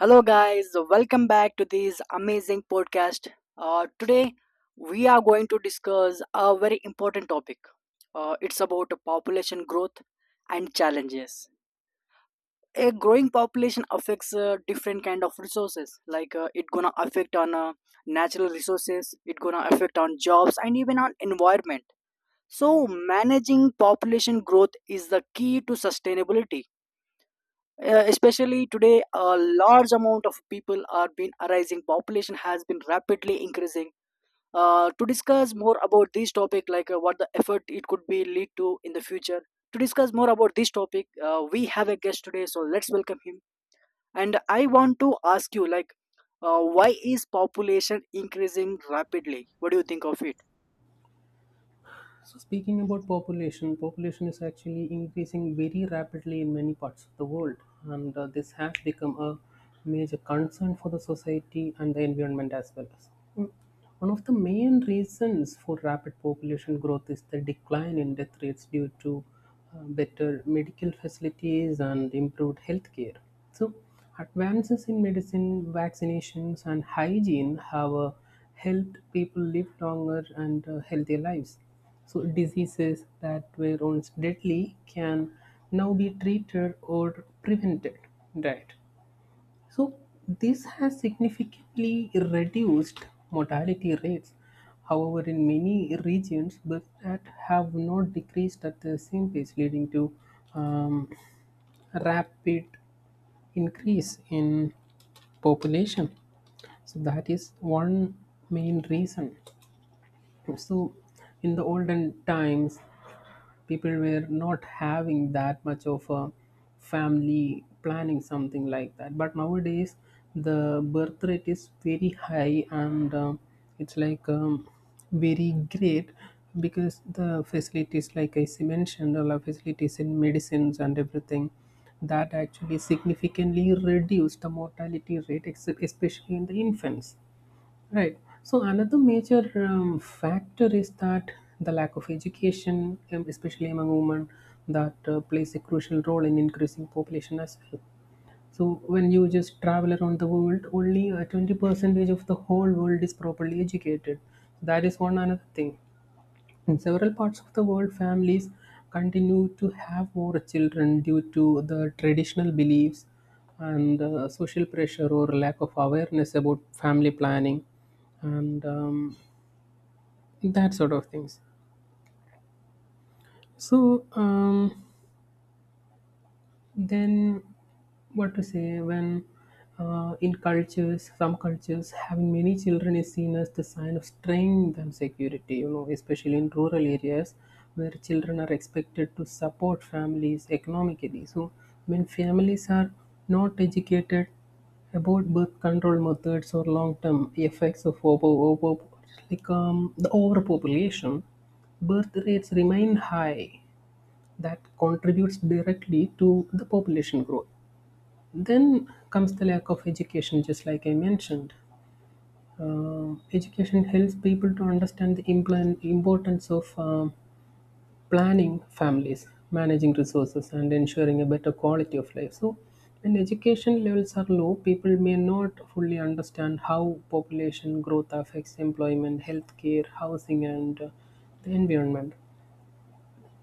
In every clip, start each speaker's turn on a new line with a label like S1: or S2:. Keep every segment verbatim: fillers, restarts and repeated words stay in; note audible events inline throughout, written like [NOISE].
S1: Hello, guys. Welcome back to this amazing podcast. Uh, today, we are going to discuss a very important topic. Uh, it's about population growth and challenges. A growing population affects uh, different kind of resources. Like uh, it gonna affect on uh, natural resources. It gonna affect on jobs and even on environment. So managing population growth is the key to sustainability, uh, especially today a large amount of people are been arising, population has been rapidly increasing, uh, to discuss more about this topic, like uh, what the effort it could be lead to in the future. To discuss more about this topic, uh, we have a guest today, so let's welcome him. And I want to ask you, like, uh, why is population increasing rapidly? What do you think of it?
S2: So speaking about population, population is actually increasing very rapidly in many parts of the world, and uh, this has become a major concern for the society and the environment as well. One of the main reasons for rapid population growth is the decline in death rates due to uh, better medical facilities and improved healthcare. So, advances in medicine, vaccinations, and hygiene have uh, helped people live longer and uh, healthier lives. So, diseases that were once deadly can now be treated or prevented. Right. So this has significantly reduced mortality rates. However, in many regions, birth that have not decreased at the same pace, leading to um, rapid increase in population. So that is one main reason. So in the olden times, people were not having that much of a family planning something like that but nowadays the birth rate is very high and um, it's like um, very great because the facilities like i s- mentioned all the facilities in medicines and everything that actually significantly reduced the mortality rate except especially in the infants. Right. So another major um, factor is that the lack of education, um, especially among women, that uh, plays a crucial role in increasing population as well. So when you just travel around the world, only uh, twenty percentage of the whole world is properly educated. That is one another thing. In several parts of the world, families continue to have more children due to the traditional beliefs and uh, social pressure or lack of awareness about family planning and um, that sort of things. So, um, then, what to say when uh, in cultures, some cultures, having many children is seen as the sign of strength and security, you know, especially in rural areas where children are expected to support families economically. So, when families are not educated about birth control methods or long term effects of over, over, like, um, the overpopulation, birth rates remain high that contributes directly to the population growth. Then comes the lack of education, just like I mentioned. Uh, education helps people to understand the implan- importance of um, planning families, managing resources, and ensuring a better quality of life. So, when education levels are low, people may not fully understand how population growth affects employment, healthcare, housing, and uh, the environment.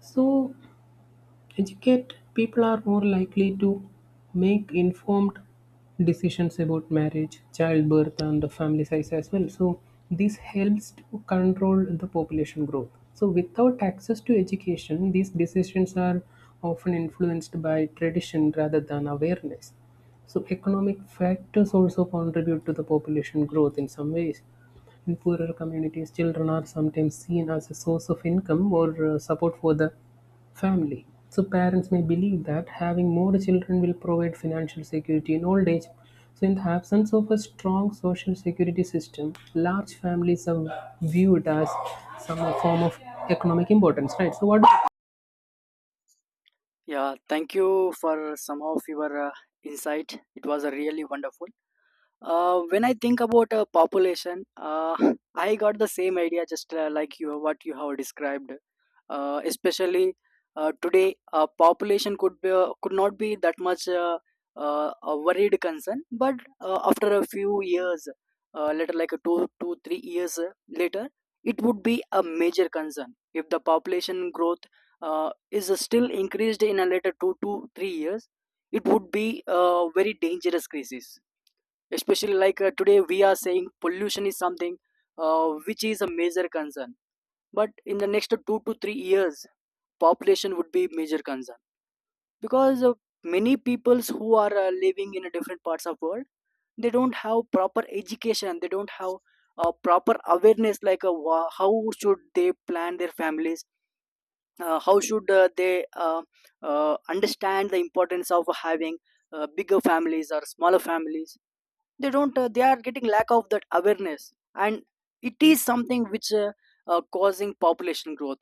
S2: So, educate people are more likely to make informed decisions about marriage, childbirth, and the family size as well. So, this helps to control the population growth. So, without access to education, these decisions are often influenced by tradition rather than awareness. So, economic factors also contribute to the population growth in some ways. In poorer communities, children are sometimes seen as a source of income or uh, support for the family. So parents may believe that having more children will provide financial security in old age. So in the absence of a strong social security system, large families are viewed as some form of economic importance, right? So what?
S1: Yeah, thank you for some of your uh, insight. It was uh, really wonderful. Uh, when I think about a population, uh, [CLEARS THROAT] [LAUGHS] I got the same idea, just uh, like you, what you have described. Uh, especially uh, today, uh, population could be uh, could not be that much uh, uh, a worried concern, but uh, after a few years, uh, later like two, two, three years uh, later, it would be a major concern if the population growth uh, is still increased in a later two to three years. It would be a very dangerous crisis, especially like uh, today we are saying pollution is something uh, which is a major concern, but in the next two to three years population would be major concern. Because uh, many peoples who are uh, living in a different parts of world, they don't have proper education, they don't have uh, proper awareness, like uh, wha- how should they plan their families, uh, how should uh, they uh, uh, understand the importance of having uh, bigger families or smaller families. They don't uh, They are getting lack of that awareness, and it is something which uh, uh, causing population growth.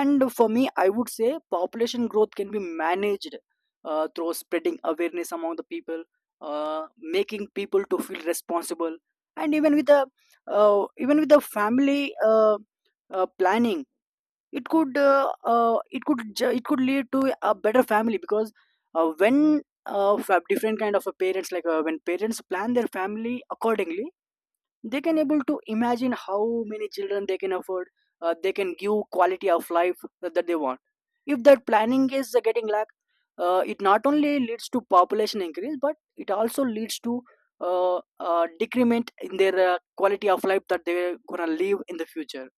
S1: And for me, I would say population growth can be managed uh, through spreading awareness among the people, uh, making people to feel responsible, and even with the uh, even with the family uh, uh, planning. It could uh, uh, it could ju- it could lead to a better family because, uh, when uh, fa- different kind of uh, parents, like uh, when parents plan their family accordingly, they can able to imagine how many children they can afford. Uh, they can give quality of life that, that they want. If that planning is uh, getting lack, uh, it not only leads to population increase, but it also leads to uh, uh, decrement in their uh, quality of life that they're gonna live in the future.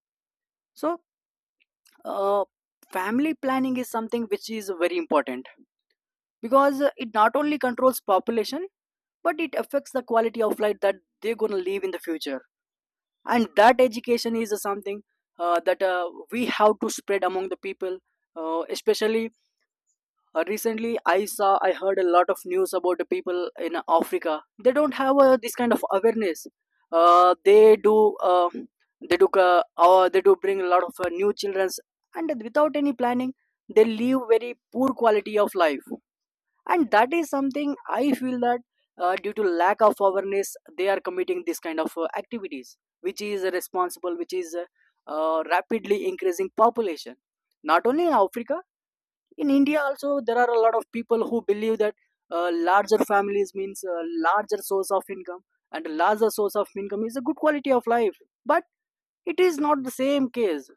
S1: So, uh, family planning is something which is very important, because uh, it not only controls population, but it affects the quality of life that they're going to live in the future. And that education is uh, something uh, that uh, we have to spread among the people, uh, especially uh, recently, I saw, I heard a lot of news about the people in Africa. They don't have uh, this kind of awareness. Uh, they do, uh, they do, uh, uh, they do bring a lot of uh, new childrens, and without any planning, they live very poor quality of life. And that is something I feel that, uh, due to lack of awareness, they are committing this kind of uh, activities, which is responsible, which is uh, uh, rapidly increasing population. Not only in Africa, in India also there are a lot of people who believe that uh, larger families means a larger source of income, and larger source of income is a good quality of life. But it is not the same case.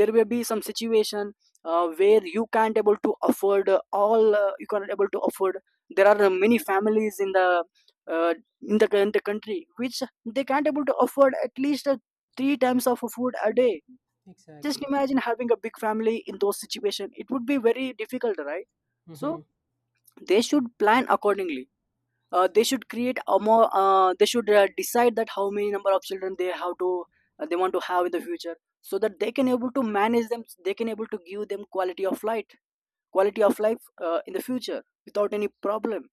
S1: There will be some situation uh, where you can't able to afford uh, all uh, you can't able to afford. There are many families in the uh, in the in the country which they can't able to afford at least uh, three times of food a day. Just
S2: Exactly.
S1: imagine having a big family in those situations, it would be very difficult, right? So
S2: Mm-hmm.
S1: they should plan accordingly. Uh, they should create a more, uh, they should uh, decide that how many number of children they have to uh, they want to have in the future, so that they can able to manage them, they can able to give them quality of life, quality of life uh, in the future without any problem.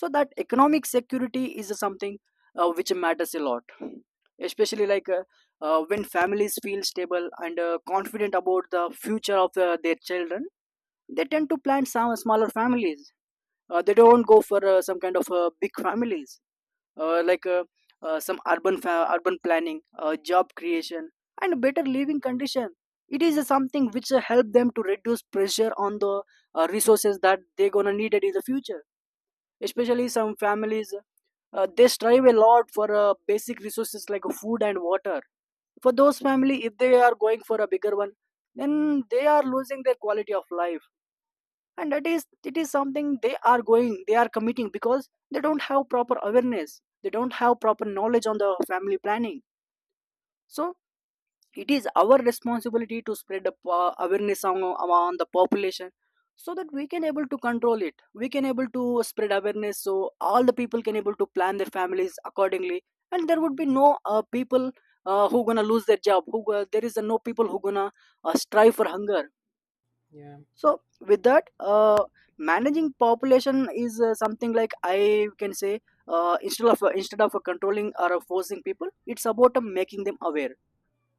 S1: So that economic security is something uh, which matters a lot, especially like uh, uh, when families feel stable and uh, confident about the future of uh, their children, they tend to plan some smaller families. Uh, they don't go for uh, some kind of uh, big families, uh, like uh, uh, some urban fa- urban planning, uh, job creation, and better living condition. It is something which uh, help them to reduce pressure on the uh, resources that they're gonna need it in the future. Especially some families, uh, they strive a lot for uh, basic resources like food and water. For those family, if they are going for a bigger one, then they are losing their quality of life. And that is, it is something they are going, they are committing, because they don't have proper awareness, they don't have proper knowledge on the family planning. So it is our responsibility to spread the po- awareness among, among the population, so that we can able to control it, we can able to spread awareness, so all the people can able to plan their families accordingly, and there would be no uh, people uh, who gonna lose their job, who go- there is uh, no people who gonna uh, strive for hunger.
S2: Yeah.
S1: So with that, uh, managing population is uh, something, like, I can say, uh, instead of instead of controlling or forcing people, it's about uh, making them aware,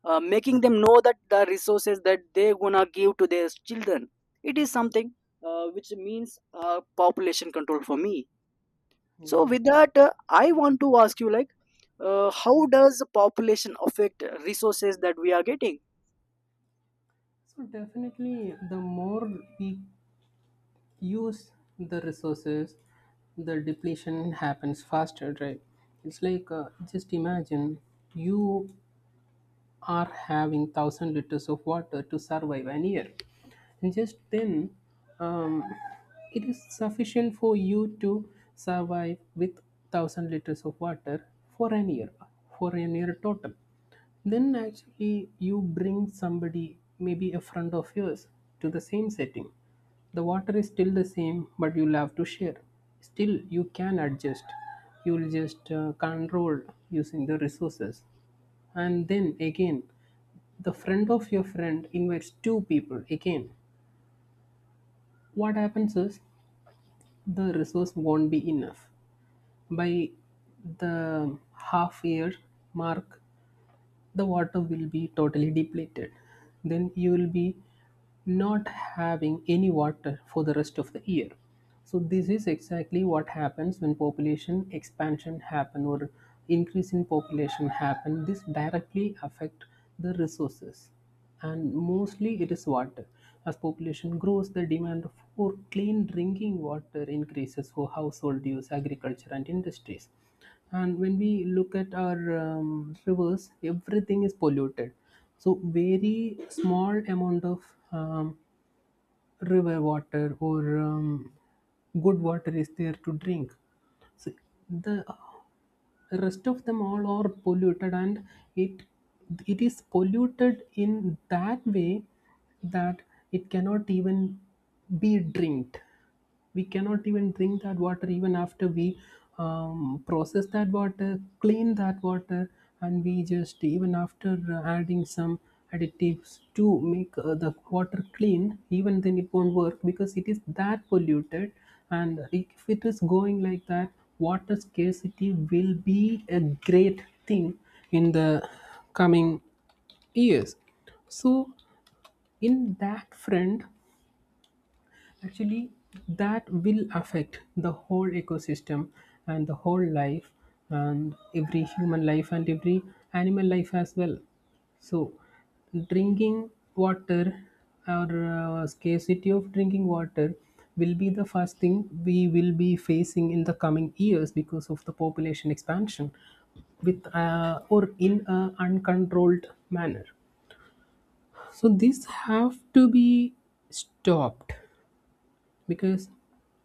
S1: uh, making them know that the resources that they gonna give to their children, it is something uh, which means uh, population control for me. So
S2: Yeah.
S1: with that, uh, I want to ask you, like, uh, how does population affect resources that we are getting?
S2: So definitely, the more we use the resources, the depletion happens faster, right? It's like uh, just imagine you are having one thousand liters of water to survive an year, and just then, um, it is sufficient for you to survive with a thousand liters of water for an year, for an year total. Then actually you bring somebody, maybe a friend of yours, to the same setting. The water is still the same but you'll have to share. Still you can adjust, you'll just uh, control using the resources. And then again the friend of your friend invites two people again. What happens is the resource won't be enough. By the half year mark the water will be totally depleted, then you will be not having any water for the rest of the year. So this is exactly what happens when population expansion happen or increase in population happen. This directly affect the resources, and mostly it is water. As population grows the demand for clean drinking water increases for household use, agriculture, and industries. And when we look at our um, rivers, everything is polluted. So very small amount of um, river water or um, good water is there to drink. So the rest of them all are polluted, and it it is polluted in that way that it cannot even be drinked. We cannot even drink that water even after we um, process that water, clean that water. And we just, even after uh, adding some additives to make uh, the water clean, even then it won't work because it is that polluted. And if it is going like that, water scarcity will be a great thing in the coming years. So in that front, actually, that will affect the whole ecosystem and the whole life, and every human life and every animal life as well. So, drinking water, or uh, scarcity of drinking water, will be the first thing we will be facing in the coming years because of the population expansion with uh, or in an uncontrolled manner. So this have to be stopped, because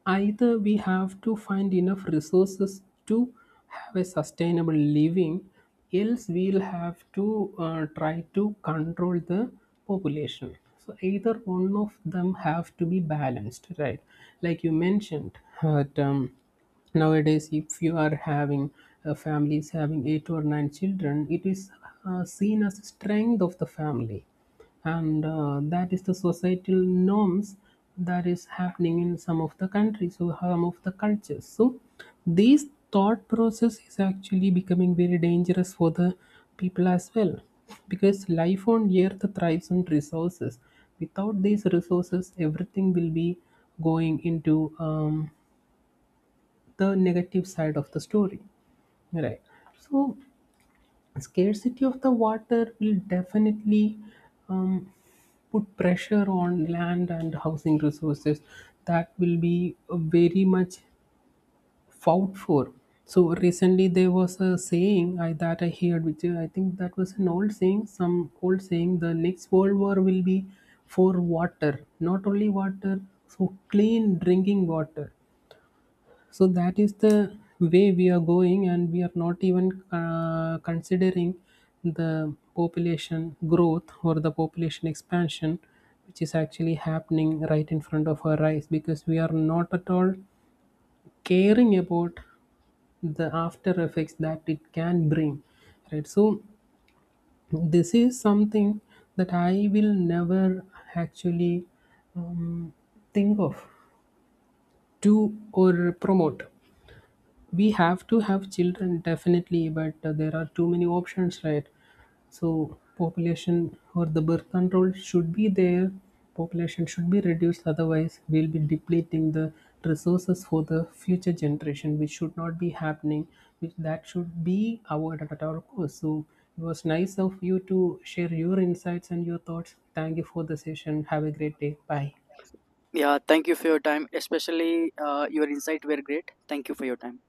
S2: either we have to find enough resources to have a sustainable living, else we'll have to uh, try to control the population. So either one of them have to be balanced, right? Like you mentioned that um, nowadays, if you are having uh, families having eight or nine children, it is uh, seen as strength of the family, and uh, that is the societal norms that is happening in some of the countries, so some of the cultures. So this thought process is actually becoming very dangerous for the people as well, because life on earth thrives on resources. Without these resources everything will be going into um, the negative side of the story, right? So scarcity of the water will definitely um, put pressure on land and housing resources that will be very much fought for. So recently there was a saying, I, that I heard, which uh, I think that was an old saying, some old saying, the next world war will be for water, not only water, so clean drinking water. So that is the way we are going, and we are not even uh, considering the population growth or the population expansion, which is actually happening right in front of our eyes because we are not at all caring about the after effects that it can bring, right? So this is something that I will never actually um, think of to or promote. We have to have children definitely, but uh, there are too many options, right? So population or the birth control should be there. Population should be reduced, otherwise we'll be depleting the resources for the future generation, which should not be happening, which that should be avoided at our cost. So it was nice of you to share your insights and your thoughts. Thank you for the session, have a great day, bye.
S1: Yeah, thank you for your time. Especially uh, your insight were great. Thank you for your time.